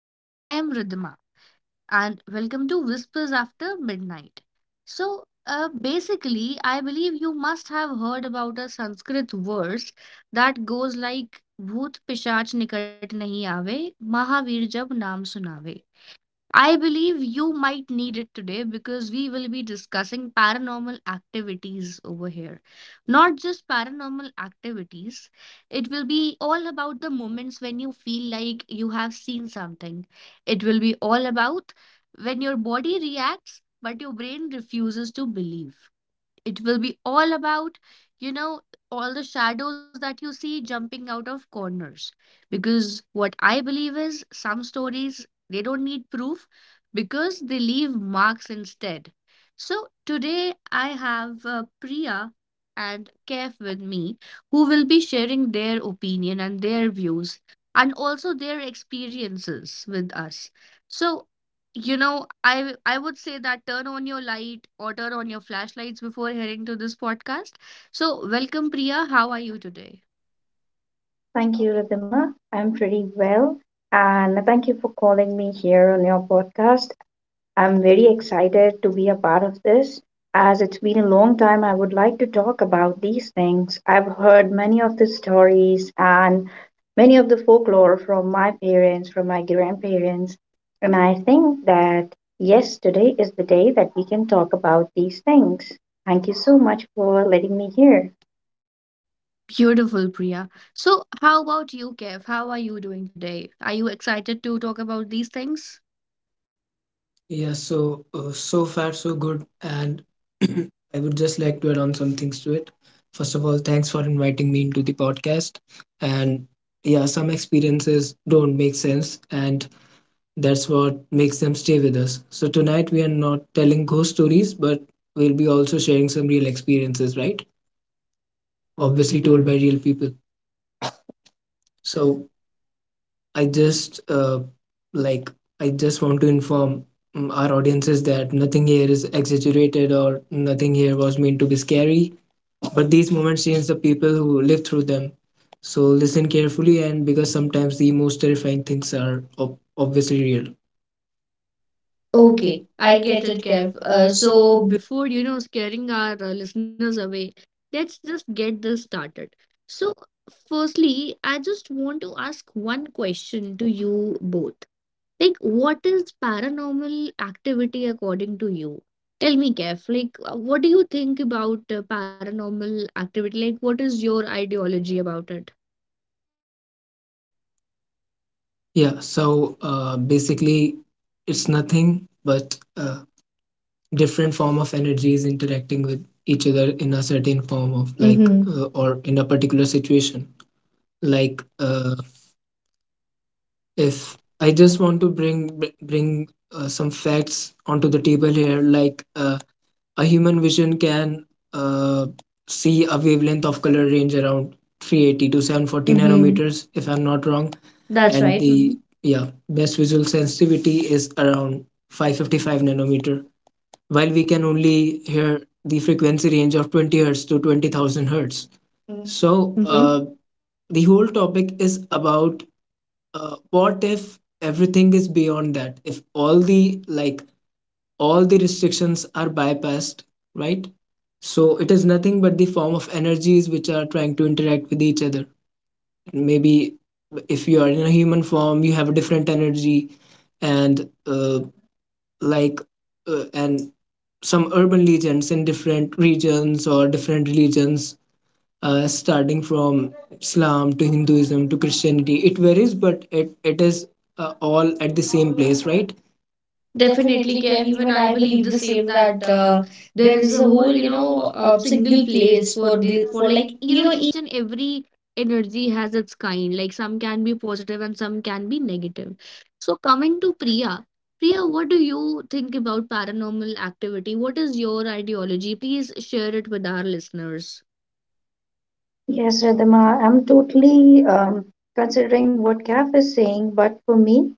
And I am Ridhima. And welcome to Whispers After Midnight. So, basically, I believe you must have heard about a Sanskrit verse that goes like, Bhoot pishach nikat nahi aave, Mahavir jab naam sunave. I believe you might need it today because we will be discussing paranormal activities over here. Not just paranormal activities, it will be all about the moments when you feel like you have seen something. It will be all about when your body reacts but your brain refuses to believe. It will be all about you know all the shadows that you see jumping out of corners, because what I believe is some stories, they don't need proof because they leave marks instead. So today I have Priya and Kef with me, who will be sharing their opinion and their views and also their experiences with us. So I would say that turn on your light or turn on your flashlights before heading to this podcast. So, welcome, Priya. How are you today? Thank you, Ridhima. I'm pretty well. And thank you for calling me here on your podcast. I'm very excited to be a part of this. As it's been a long time, I would like to talk about these things. I've heard many of the stories and many of the folklore from my parents, from my grandparents. And I think that, yes, today is the day that we can talk about these things. Thank you so much for letting me here. Beautiful, Priya. So, how about you, Kev? How are you doing today? Are you excited to talk about these things? Yeah, so so far so good, and I would just like to add on some things to it. First of all, thanks for inviting me into the podcast. And yeah, some experiences don't make sense, and that's what makes them stay with us. So tonight we are not telling ghost stories, but we'll be also sharing some real experiences, right? Obviously, Obviously told told by real people. by. So I just uh, like I just want to inform our audiences that nothing here is exaggerated or nothing here was meant to be scary. But these moments change the people who live through them. So listen carefully, and because sometimes the most terrifying things are obviously real. Okay. Okay, I I get get it, it, Kev. Kev. Uh, so before, scaring our listeners away, let's just get this started. So, firstly, I just want to ask one question to you both. Like, what is paranormal activity according to you? Tell me, Kef, like, what do you think about paranormal activity? Like, what is your ideology about it? Yeah. So basically, it's nothing but. Different form of energies interacting with each other in a certain form of like. Mm-hmm. Mm-hmm. Or in a particular situation like, if Yes, I I just just want to bring some facts onto the table here, like a human vision can uh, see a wavelength of color range around 380 to for. 740 Mm-hmm. nanometers, if I'm not wrong. That's That's and right. right. Mm-hmm. The yeah best visual sensitivity is around 555 nanometer, while we can only hear the frequency range of 20 hertz to 20,000 hertz. Mhm. So, So, uh, the whole topic is about, what if everything is beyond that? If all the restrictions are bypassed, right? So it is nothing but the form of energies which are trying to interact with each other. Maybe if you are in a human form, you have a different energy, and uh, like and some urban legends in different regions or different religions, starting from Islam to Hinduism to Christianity. It varies, but it is all at the same place, right? definitely, Definitely, Kev. Kev. Even Even I I believe believe the the same same that that, there there is is a a whole, whole, single single place place for for this, the for for like, like you know each and every energy has its kind. Like, some can be positive and some can be negative. So coming to Priya, what do you think about paranormal activity? What is your ideology? Please share it with our listeners. Yes, Ridhima, I'm totally considering what Kath is saying, but for me,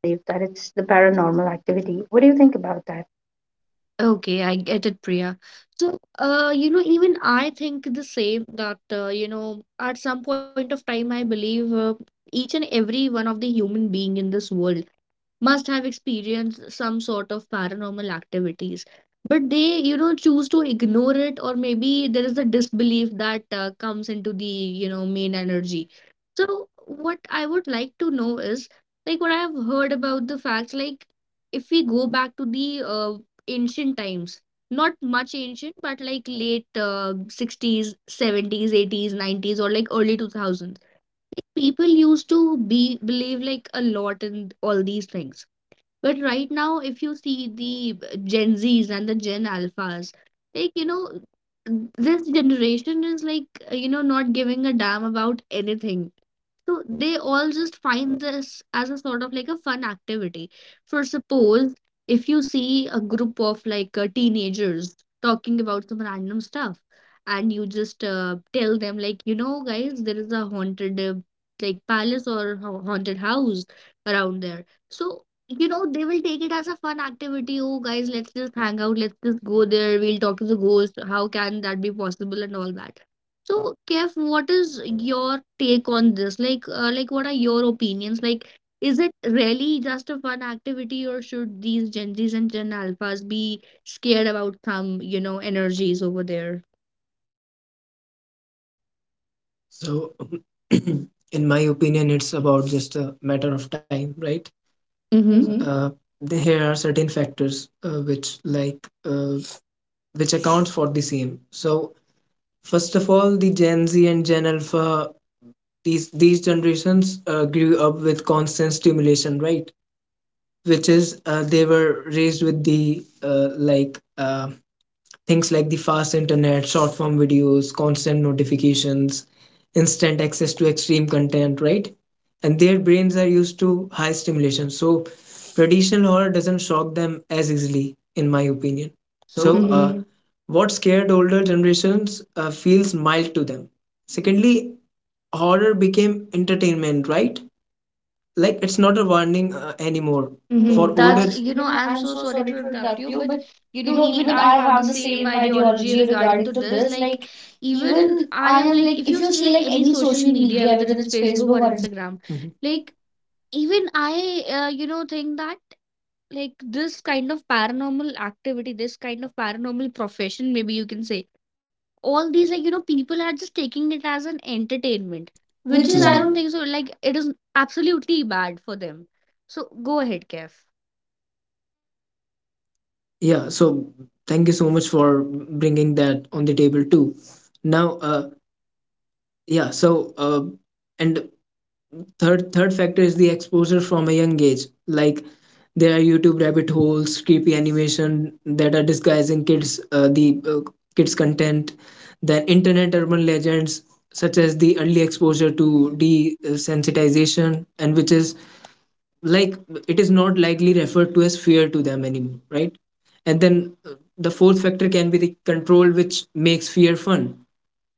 I believe that it's the paranormal activity. What do you think about that? Okay, I get it, Priya. So, even I think the same that, at some point of time, I believe each and every one of the human being in this world must have experienced some sort of paranormal activities, but they choose to ignore it, or maybe there is a disbelief that comes into the main energy. So what I would like to know is, like, what I have heard about the facts. Like, if we go back to the ancient times, not much ancient but like late 60s, 70s, 80s, 90s, or like early 2000s, people used to be believe like a lot in all these things. But right now, if you see the Gen Zs and the Gen Alphas, like, you know, this generation is like, not giving a damn about anything. So they all just find this as a sort of like a fun activity. For suppose, if you see a group of like teenagers talking about some random stuff, and you just tell them like, guys, there is a haunted like palace or haunted house around there. So they will take it as a fun activity. Oh, guys, let's just hang out. Let's just go there. We'll talk to the ghost. How can that be possible and all that? So, Kev, what is your take on this? Like, what are your opinions? Like, is it really just a fun activity, or should these Gen Zs and Gen Alphas be scared about some, energies over there? So, in my opinion, it's about just a matter of time, right? Mhm. Mm-hmm. There are certain factors, which accounts for the same. So first of all, the Gen Z and Gen Alpha, these generations grew up with constant stimulation, right? Which is, they were raised with the, things like the fast internet, short form videos, constant notifications, instant access to extreme content, right? And their brains are used to high stimulation. So traditional horror doesn't shock them as easily, in my opinion. So, So, uh, Mhm. what scared older generations feels mild to them. Secondly, horror became entertainment, right? Like it's not a warning anymore Mm-hmm. for Mm-hmm. Mhm older. That's, That's, you know, I'm I'm so so sorry sorry to to interrupt interrupt you, you, but but you know, even even I I have the have the same same ideology ideology regarding regarding to to this. this. Like, Like, even even I I am am like, like, if if you you see see like like any any social social media, media, whether whether it's it's Facebook Facebook or or Instagram, Mhm. Like, like even I, think that. Like, this kind of paranormal activity, this kind of paranormal profession, maybe you can say, all these, like, people are just taking it as an entertainment, which which is, I is, I don't. don't think so. Like, it is absolutely bad for them. So go ahead, Kev. Yeah, so thank you so much for bringing that on the table too. Now, uh yeah so uh and third, third factor is the exposure from a young age. Like there are YouTube rabbit holes, creepy animation that are disguising kids, the kids content. Then internet urban legends, such as the early exposure to desensitization, and which is like, it is not likely referred to as fear to them anymore, right? And then, the fourth factor can be the control which makes fear fun.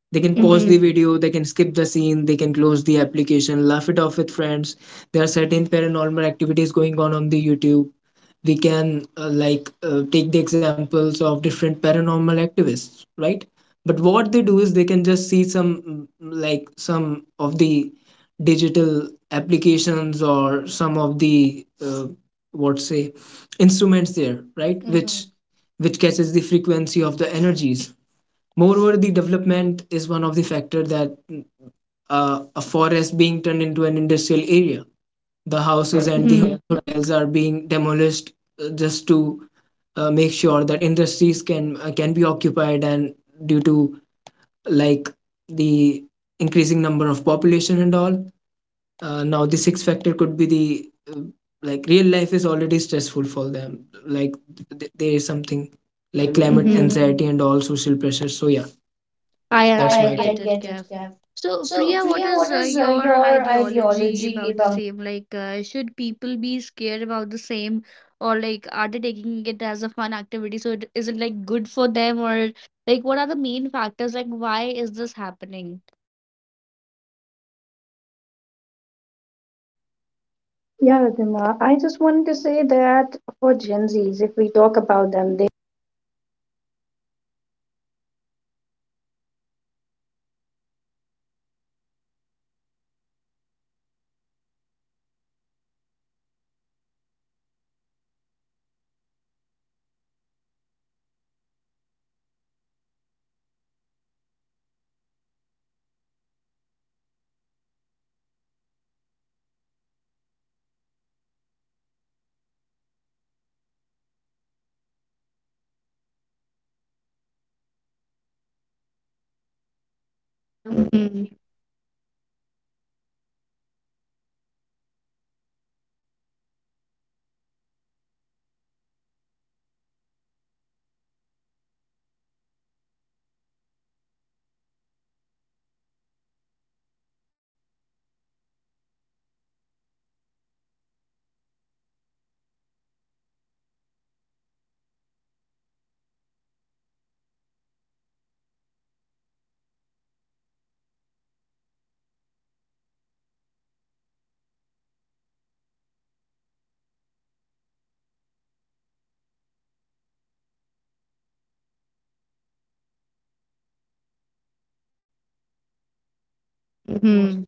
They can They can pause. pause Mhm. The Mhm video, they can skip the scene, they can close the application, laugh it off with friends. There are certain paranormal activities going on the YouTube. We can, take the examples of different paranormal activists, right? But what they do is they can just see some, like some of the digital applications or some of the, what say instruments there, Right? right? Which Mm-hmm. which catches the frequency of the energies. Moreover, the development is one of the factor, that, a forest being turned into an industrial area, the So that, houses and the Mm-hmm. Mhm, yeah, hotels are being demolished, just to make sure that industries can, can be occupied, and due to, like, the increasing number of population and all. Now, the sixth factor could be the, uh, like real life is already stressful for them. Like, there is something the like climate. climate Mhm. anxiety and all social pressure. So yeah, I that's I I my I get take it, get it, Kev. Kev. So, So, Priya, what Priya, is what is your your ideology ideology about the about? same? Like, should people be scared about the same, or like, are they taking it as a fun activity? So, is it like good for them, or like, what are the main factors? Like, why is this happening? Yeah, Ridhima, I just wanted to say that for Gen Zs, if we talk about them, they Mhm. Mhm.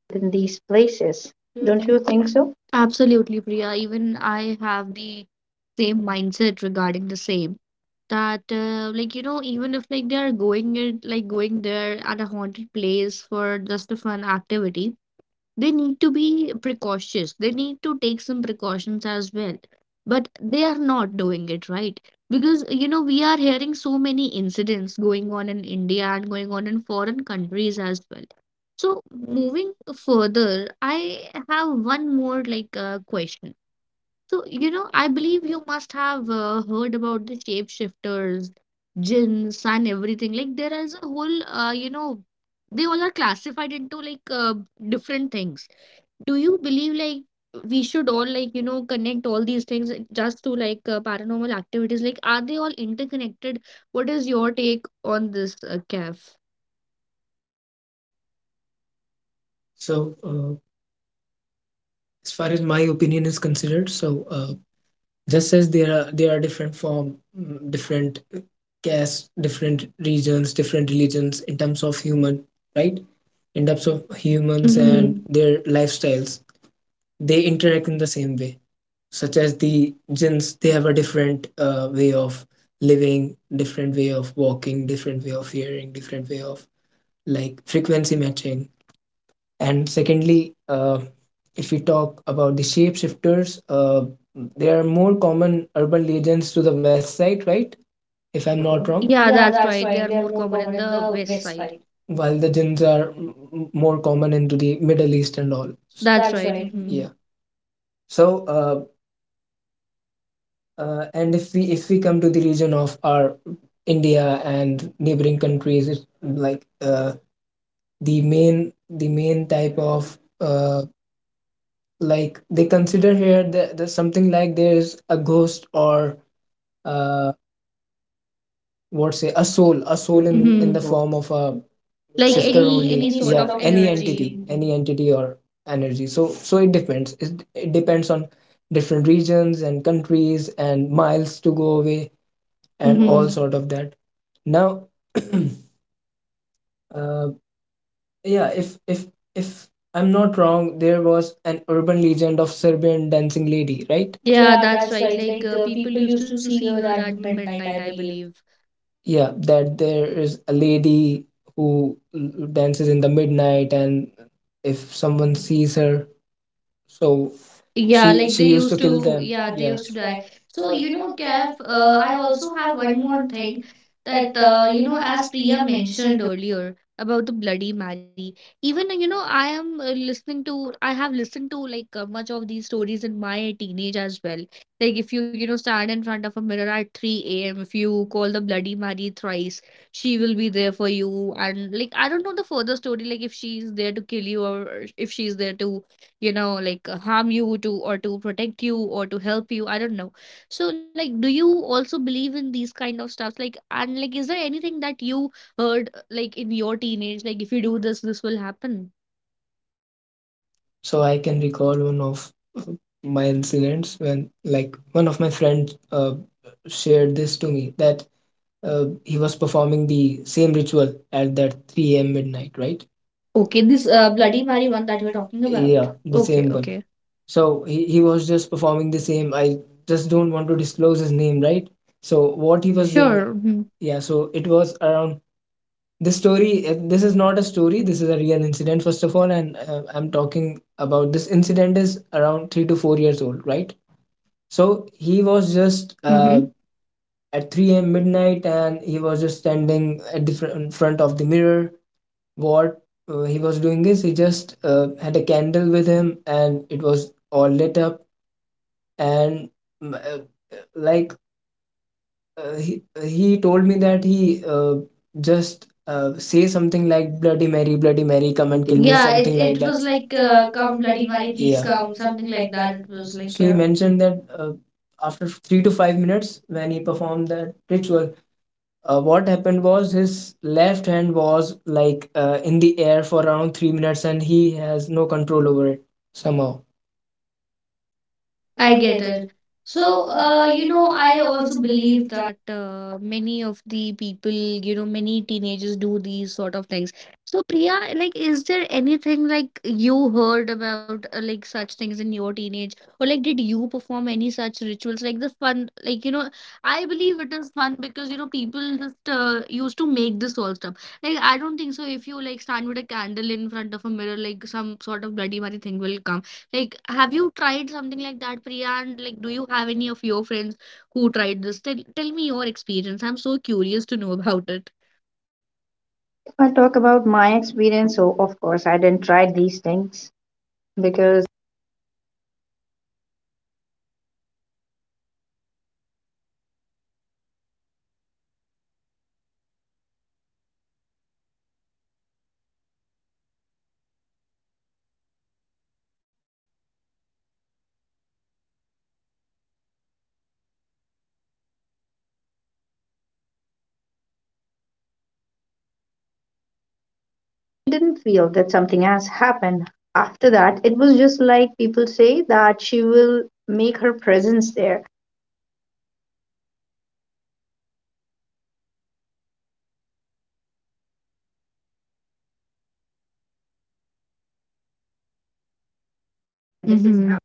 in these places. Don't you think so? Absolutely, Priya. Even I have the same mindset regarding the same, that like even if like they are going it like going there at a haunted place for just a fun activity, they need to be precautious, they need to take some precautions as well, but they are not doing it, right? Because we are hearing so many incidents going on in India and going on in foreign countries as well. So moving further, I have one more like question. So, I believe you must have heard about the shapeshifters, jinns, and everything. Like, there is a whole, they all are classified into like different things. Do you believe like we should all like, connect all these things just to like paranormal activities? Like, are they all interconnected? What is your take on this, Kef? So, as far as my opinion is considered, so, just as there are different form, different castes, different regions, different religions, in terms of human, right? In terms of humans Mm-hmm. and their lifestyles, they interact in the same way, such as the jinns. They have a different way of living, different way of walking, different way of hearing, different way of, like, frequency matching. And secondly, if we talk about the shapeshifters, they are more common urban legends to the west side, right? If I'm not wrong. Yeah, Yeah, that's that's right. right. They They are are more more common common in in the the west west side. side. While the jinns are more common into the Middle East and all. That's That's right. right. Mhm. Yeah. So, and if we come to the region of our India and neighboring countries, it's like, the main type of, like, they consider here the something like there is a ghost or, uh what say a soul, a soul in the Mm-hmm. form of a, like, Like shifter, any, any only any any, sort yeah, sort of of any entity energy. energy. Any entity or energy. So, so it depends, it depends on different regions and countries and miles to go away And and hmm, all also, sort of that. Now, uh, yeah, if I'm not wrong, there was an urban legend of Serbian dancing lady, right? yeah, Yeah, that's that's right. right. Like Like, people people used used to to see see her her at at the the midnight, midnight, I I believe. believe. Yeah, that there is a lady who dances in the midnight, and if someone sees her, so, yeah, she, Yeah, like, like she they they used to used used kill to, to, them, yeah, yeah, they they yeah used used to to die. die. So, So, you know, Kev, Gav, I I also also have have one one more more thing, thing that, that, as as Priya Priya mentioned mentioned, earlier about the Bloody Mary, even, I am listening to, I have listened to like much of these stories in my teenage as well. Like, if you, stand in front of a mirror at 3 a.m., if you call the Bloody Mary thrice, she will be there for you. And, like, I don't know the further story, like, if she's there to kill you or if she's there to like harm you to or to protect you or to help you. I don't know. So, like, do you also believe in these kind of stuffs? Like, and like, is there anything that you heard like in your teenage, like, if you do this, this will happen? so I can recall one of uh, my incidents, when like one of my friends shared this to me that, he was performing the same ritual at that 3 a.m. midnight, right? Okay, Okay, this this Bloody Bloody Mary Mary one one that that you were we're talking talking about. Yeah, about. the okay, Okay, same one, okay. okay. So he was just performing the same. I just don't want to disclose his name, right? So what What he you will was do. doing. Sure. Sure. Hmm, Yeah, so it was around this story, this is not a story, this is a real incident, first of all, and, I'm talking about this incident is around 3 to 4 years old, right? So he was just mhm. Mhm. at 3 a.m. midnight, and he was just standing at the in front of the mirror. What, he was doing is, he just had a candle with him, and it was all lit up, and mm, uh, like, he, he told me that he, just, say something like Bloody Mary, Bloody Mary, come Comment and kill in. me. Yeah, Yeah, it, it something it, like it it that was was like like, come come Bloody Bloody Mary, Mary, please, please yeah come, come, something something like like that. that. It It was was like. like, So he yeah. mentioned that, after 3 to 5 minutes when he performed that ritual, what happened was, his left hand was like, in the air for around 3 minutes, and he has no control over it somehow. I I get get it. it. So, So, you know, I I also also believe believe that. that many of the people, many teenagers do these sort of things. So, Priya, like, is there anything like you heard about like such things in your teenage, or like, did you perform any such rituals? Like the fun, like, I believe it is fun because, people just used to make this all stuff. Like, I don't think so. If you like stand with a candle in front of a mirror, like some sort of Bloody Mary thing will come. Like, have you tried something like that, Priya? And like, do you have any of your friends who tried this? Tell me your experience. I'm so curious to know about it. If I talk about my experience, so of course I didn't try these things because I didn't feel that something has happened. After that, it was just like people say that she will make her presence there. That is. Mhm.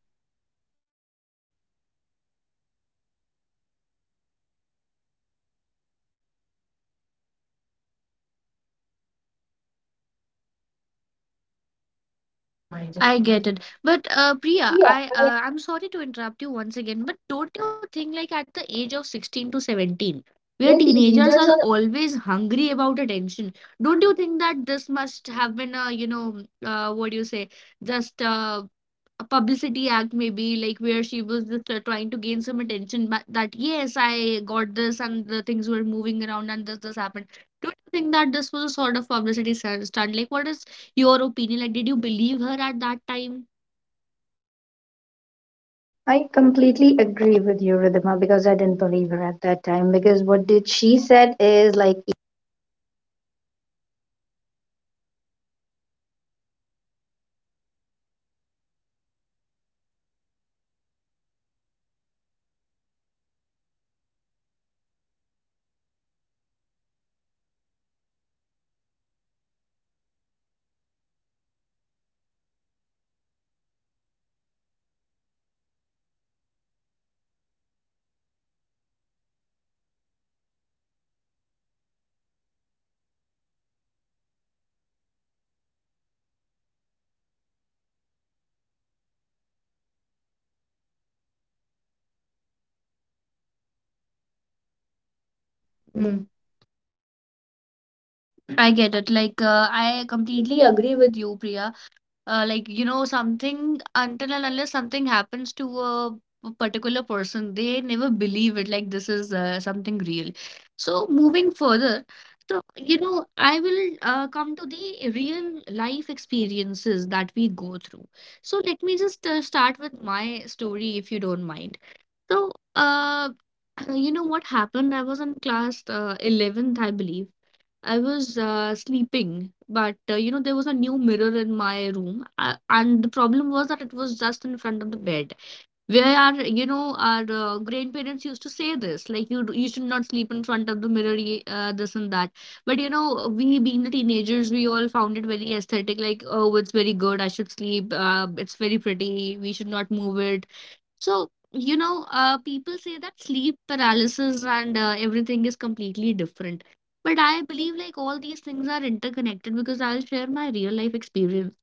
So I get it. But Priya, Yeah, I'm sorry to interrupt you once again, but don't you think like at the age of 16 to 17, where where teenagers teenagers are are. always hungry about attention, don't you think that this must have been a, what do you say, just a publicity act, maybe like where she was just trying to gain some attention, but that yes, I got this, and the things were moving around and this happened. Don't you think that this was a sort of publicity stunt? Like, what is your opinion, like, did you believe her at that time? I completely agree with you, Ridhima, because I didn't believe her at that time. Because what did she said is like Mm, I get it. Like, I I completely completely agree agree with. with you, Priya. Like, something, until and unless something happens to a particular person, they never believe it. Like, this is something real. So, moving further, I will come to the real life experiences that we go through. So, let me just start with my story, if you don't mind. So, you know what happened? I was in class 11th, I believe. I was sleeping, but there was a new mirror in my room, and the problem was that it was just in front of the bed. Where our grandparents used to say this, like you should not sleep in front of the mirror, this and that. But you know, we being the teenagers, we all found it very aesthetic, like, oh, it's very good, I should sleep, it's very pretty, we should not move it. So, people say that sleep paralysis and everything is completely different. But I believe like all these things are interconnected because I'll share my real life experience.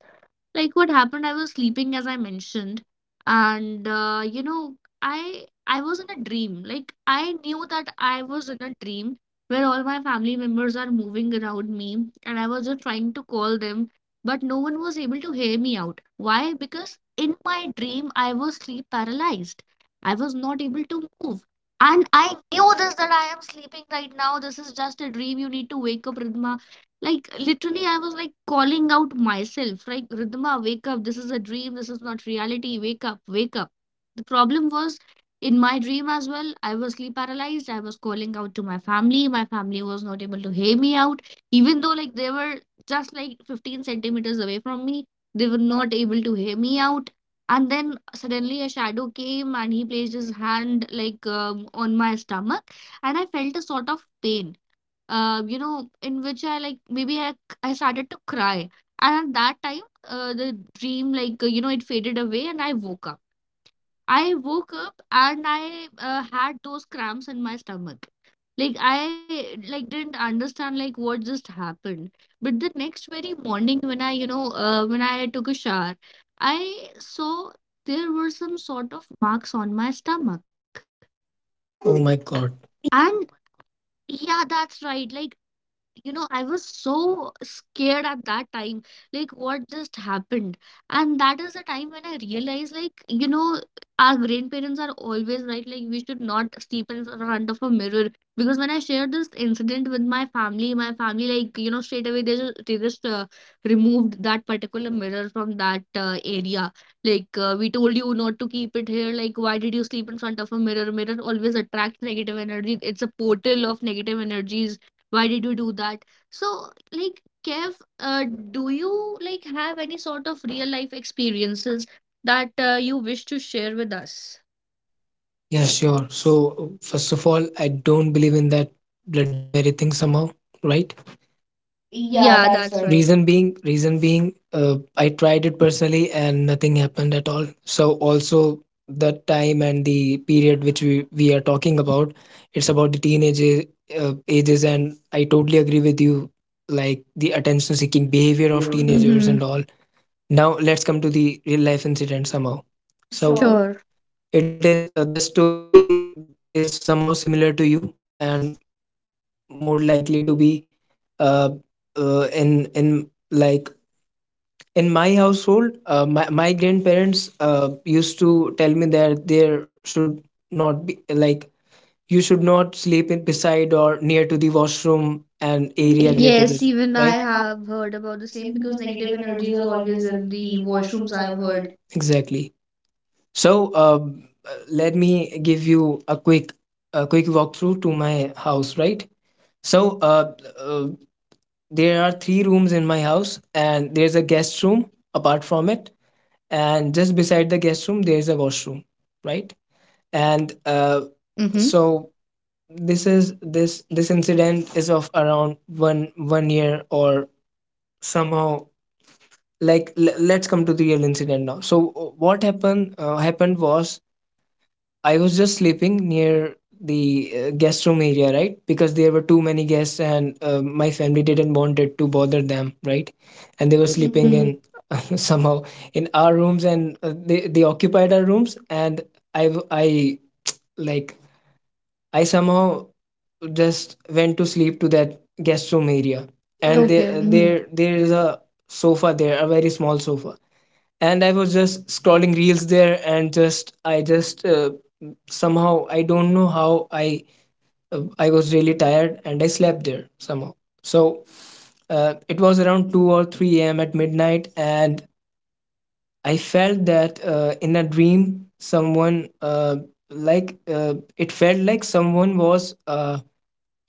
Like what happened, I was sleeping, as I mentioned. And i I was in a dream. Like I knew that I was in a dream, where all my family members are moving around me, and I was just trying to call them, but no one was able to hear me out. Why? Because in my dream I was sleep paralyzed. I was not able to move. And I knew this, that I am sleeping right now, this is just a dream, you need to wake up, Ridhima. Like literally, I was like calling out myself, like, Ridhima, wake up. This is a dream. This is not reality. Wake up, wake up. The problem was, in my dream as well, I was sleep paralyzed. I was calling out to my family. My family was not able to hear me out, even though like they were just like 15 centimeters away from me. They were not able to hear me out. And then suddenly a shadow came and he placed his hand like on my stomach, and I felt a sort of pain, in which I like maybe I started to cry. And at that time, the dream, like, it faded away and I woke up. I woke up and I had those cramps in my stomach. Like I didn't understand like what just happened. But the next very morning when I took a shower, I saw there were some sort of marks on my stomach. I oh my god. And yeah, that's right. Like you know, I was so scared at that time, like what just happened. And that is the time when I realized, like, you know, our grandparents are always right, like, we should not sleep in front of a mirror. Because when I shared this incident with my family, like, you know, straight away they just removed that particular mirror from that area. Like, we told you not to keep it here. Like, why did you sleep in front of a mirror? Mirror always attracts negative energy. It's a portal of negative energies. Why did you do that? So, like, Kev, do you like have any sort of real life experiences that you wish to share with us? Yeah, sure. So, first of all, I don't believe in that Bloody Mary thing somehow, right? Yeah, Yeah, that's right. that's right. Reason being, I tried it personally and nothing happened at all. So, also the time and the period which we are talking about, it's about the teenage, ages, and I totally agree with you, like the attention seeking behavior Behavior of of. teenagers Mm-hmm. and all. Now, let's come to the real life incident somehow. So, sure. Sure. It is, the story is somehow similar to you, and more likely to be, uh, in like in my household. My grandparents, used to tell me that there should not be like, you should not sleep in beside or near to the washroom and Area. area related with. Yes, Yes, it, even even I right? I have have heard about the the same same because because negative negative energies energies are are always always there in in the the washrooms. washrooms, I've I've heard. heard. Exactly. So, let me give you a quick, a quick walkthrough to my house, right? So, uh, there are three rooms in my house, and there's a guest room apart from it, and just beside the guest room there's a washroom, right? And, Mm-hmm. so this is this this incident is of around one year or somehow. Like, let's come to the real incident now. So, what happened, happened was, I was just sleeping near the guest room area, right? Because there were too many guests, and my family didn't wanted to bother them, right? And they And there were was. sleeping Hmm. Mm-hmm. in somehow in our rooms, and they occupied our rooms, and I w- I like, I somehow just went to sleep to that guest room area, and okay, Okay. there, Mm-hmm. there is uh, a sofa there, a very small sofa, and I was just scrolling reels there, and just I just, somehow I don't know how I, I was really tired, and I slept there somehow. So, it was around 2 or 3 a.m. at midnight, and I felt that, in a dream someone, it felt like someone was,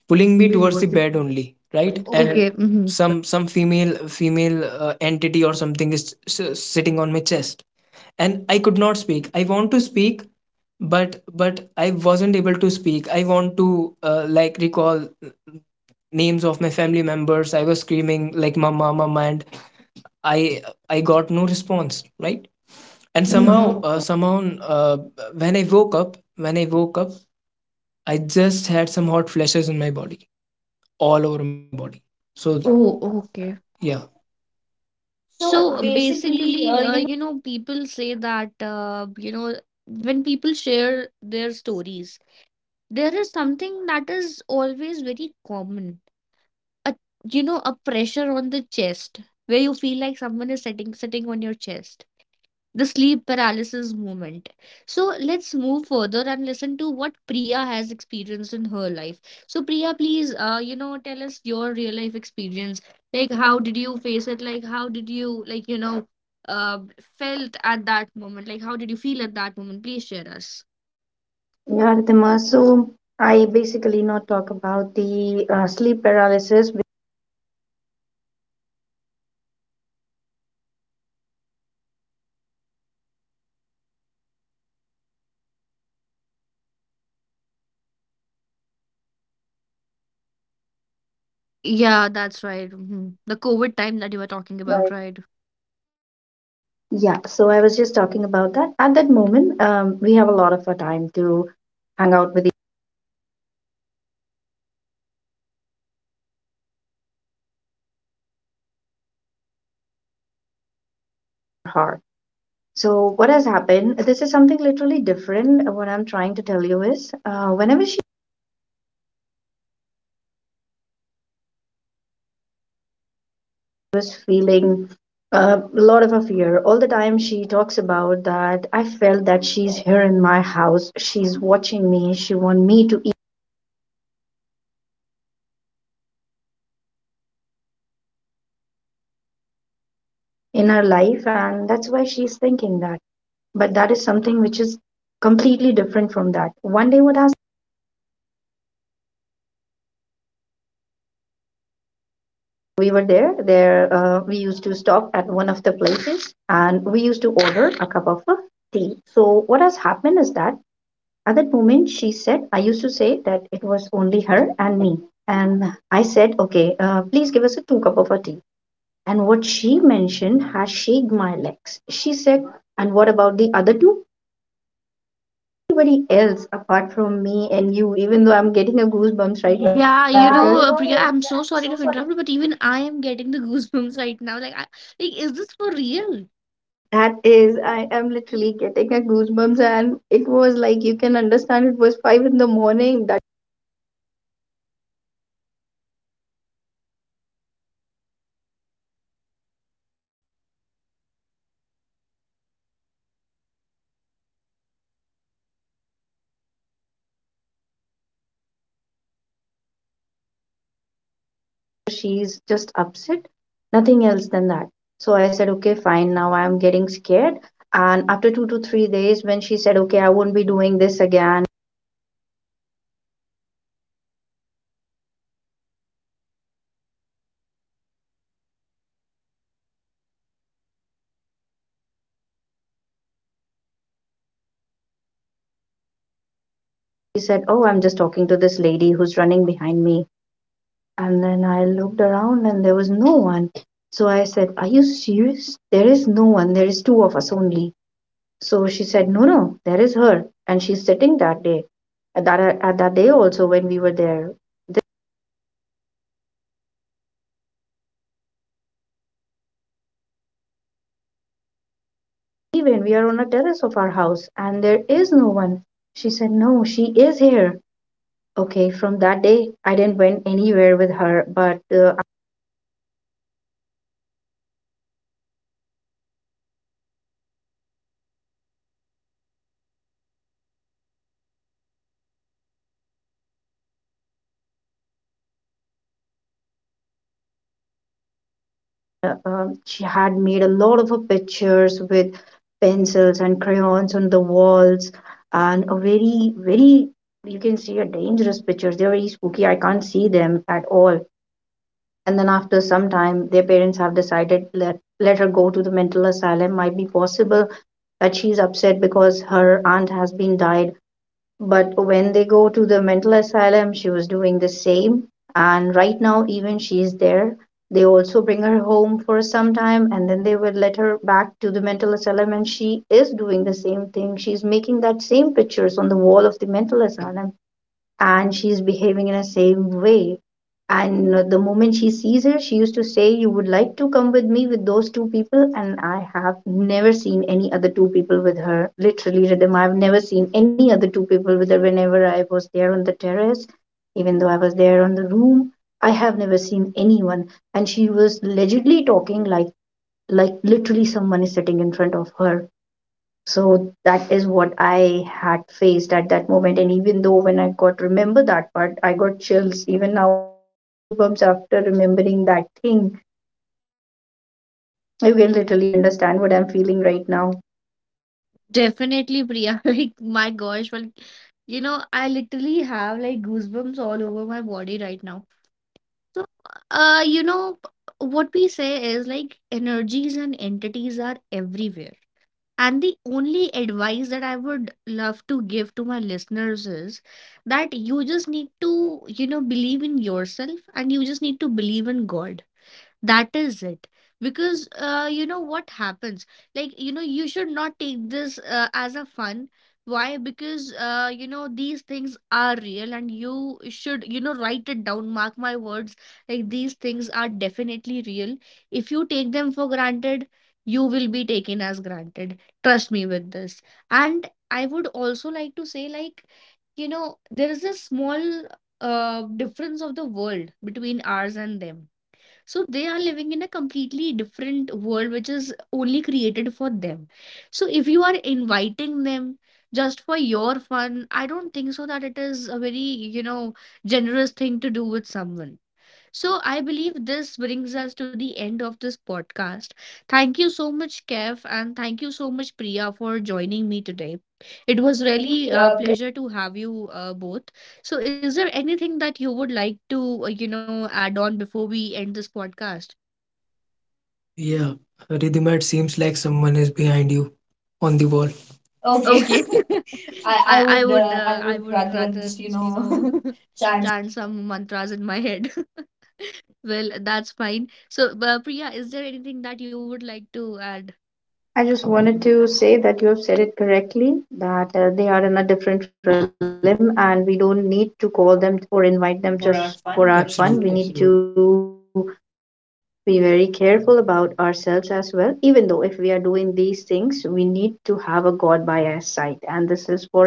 pulling me pulling me towards the towards it, bed only, right? right? And And okay, okay. Mm-hmm. some female entity or something is sitting on my chest, and I could not speak, I want to speak, but but I wasn't able to speak. I want to, recall names of my family members. I was screaming like mama, mama, and i I got no response, right? And And mm-hmm. somehow, Somehow, uh, somehow uh, when I woke up, when i woke up I just had some hot flashes in my body, all over my body. So, so. oh, Oh, okay. okay, yeah. So So basically, basically, you. People say that, when people share their stories, there is something that is always very common, a, you know, a pressure on the chest, where you feel like someone is sitting on your chest, the sleep paralysis moment. So let's move further and listen to what Priya has experienced in her life. So Priya, please, tell us your real life experience. Like how did you face it, like how did you, like, you know, uh felt at that moment, like how did you feel at that moment? Please share us. Yeah, Ridhima. So I basically not talk about the sleep paralysis. Yeah, that's right. Mhm. The COVID time that you were talking about, Right. right? Yeah, so I was just talking about that. At that moment, we have a lot of our time to hang out with each heart. So what has happened? This is something literally different. What I'm trying to tell you is, whenever she was feeling a lot of a fear. All the time she talks about that I felt that she's here in my house. She's watching me. She want me to eat in her life and that's why she's thinking that. But that is something which is completely different from that. One day what has we were there we used to stop at one of the places and we used to order a cup of tea. So what has happened is that at that moment, she said, I used to say that it was only her and me. And I said, okay, please give us a two cup of a tea. And what she mentioned has shaked my legs. She said, and what about the other two? Anybody else apart from me and you, even though I'm getting a goosebumps right now. Yeah, Yeah, because you you know, know, yeah, Priya, I'm I'm so so sorry. sorry to interrupt you, but even I am getting the goosebumps right now. Like, I, like, is this for real? That is, I am literally getting a goosebumps, and it was like you can understand it was five in the morning. That she's just upset, nothing else than that. So I said, okay, fine, now I'm getting scared. And after two to three days, when she said, okay, I won't be doing this again, she said, oh, I'm just talking to this lady who's running behind me. And then I looked around and there was no one. So I said, are you serious? There is no one, there is two of us only. So she said, no, no, there is her. And she's sitting that day. At that day also, when we were there, even we are on a terrace of our house, and there is no one. She said, no, she is here. Okay, from that day, I didn't went anywhere with her, but she had made a lot of pictures with pencils and crayons on the walls, and a very, very, you can see a dangerous pictures. They're very spooky. I can't see them at all. And then after some time their parents have decided, let her go to the mental asylum. Might be possible that she's upset because her aunt has been died, but when they go to the mental asylum she was doing the same. And right now even she's there. They also bring her home for some time and then they will let her back to the mental asylum, and she is doing the same thing. She's making that same pictures on the wall of the mental asylum, and she's behaving in the same way. And the moment she sees her, she used to say, you would like to come with me with those two people? And I have never seen any other two people with her. Literally, Rhythm, I've never seen any other two people with her whenever I was there on the terrace, even though I was there on the room. I have never seen anyone. And she was allegedly talking like literally someone is sitting in front of her. So that is what I had faced at that moment. And even though when I got remember that part, I got chills. Even now I'm getting a goosebumps after remembering that thing. You can literally understand what I'm feeling right now. Definitely, Priya. Like, my gosh, well, you know, I literally have like goosebumps all over my body right now. So, uh, you know, what we say is like energies and entities are everywhere. And the only advice that I would love to give to my listeners is that you just need to, you know, believe in yourself and you just need to believe in God. That is it. Because you know what happens? Like, you know, you should not take this as a fun. Why? Because you know, these things are real and you should, you know, write it down, mark my words. Like, these things are definitely real. If you take them for granted, you will be taken as granted. Trust me with this. And I would also like to say, like, you know, there is a small difference of the world between ours and them. So they are living in a completely different world, which is only created for them. So if you are inviting them just for your fun, I don't think so that it is a very, you know, generous thing to do with someone. So I believe this brings us to the end of this podcast. Thank you so much, Kev, and thank you so much, Priya, for joining me today. It It was was really really a pleasure to have you both. So, is there anything that you would like to, add on before we end this podcast? Yeah, Ridhimat seems like someone is behind you on the wall. Okay. Okay. I I I would, would I I would would rather rather just, you just, you know, know, chance chant some mantras in my head. Well, that's fine. So, Priya, is there anything that you would like to add? I just wanted to say that you have said it correctly that they are in a different realm and we don't need to call them or invite them just for our for our fun. We need, fun. We absolutely, need to, to be very careful about ourselves as well. Even though if we are doing these things, we need to have a God by our side, and this is for everyone.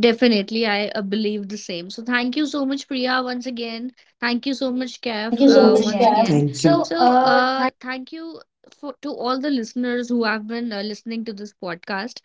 Definitely, I believe the same. So, thank you so much, Priya, once again. Thank you so much, Thank Kef, you so once much, once again. Kat. again. Thank you. So So, uh thank you for to all the listeners who have been listening to this podcast.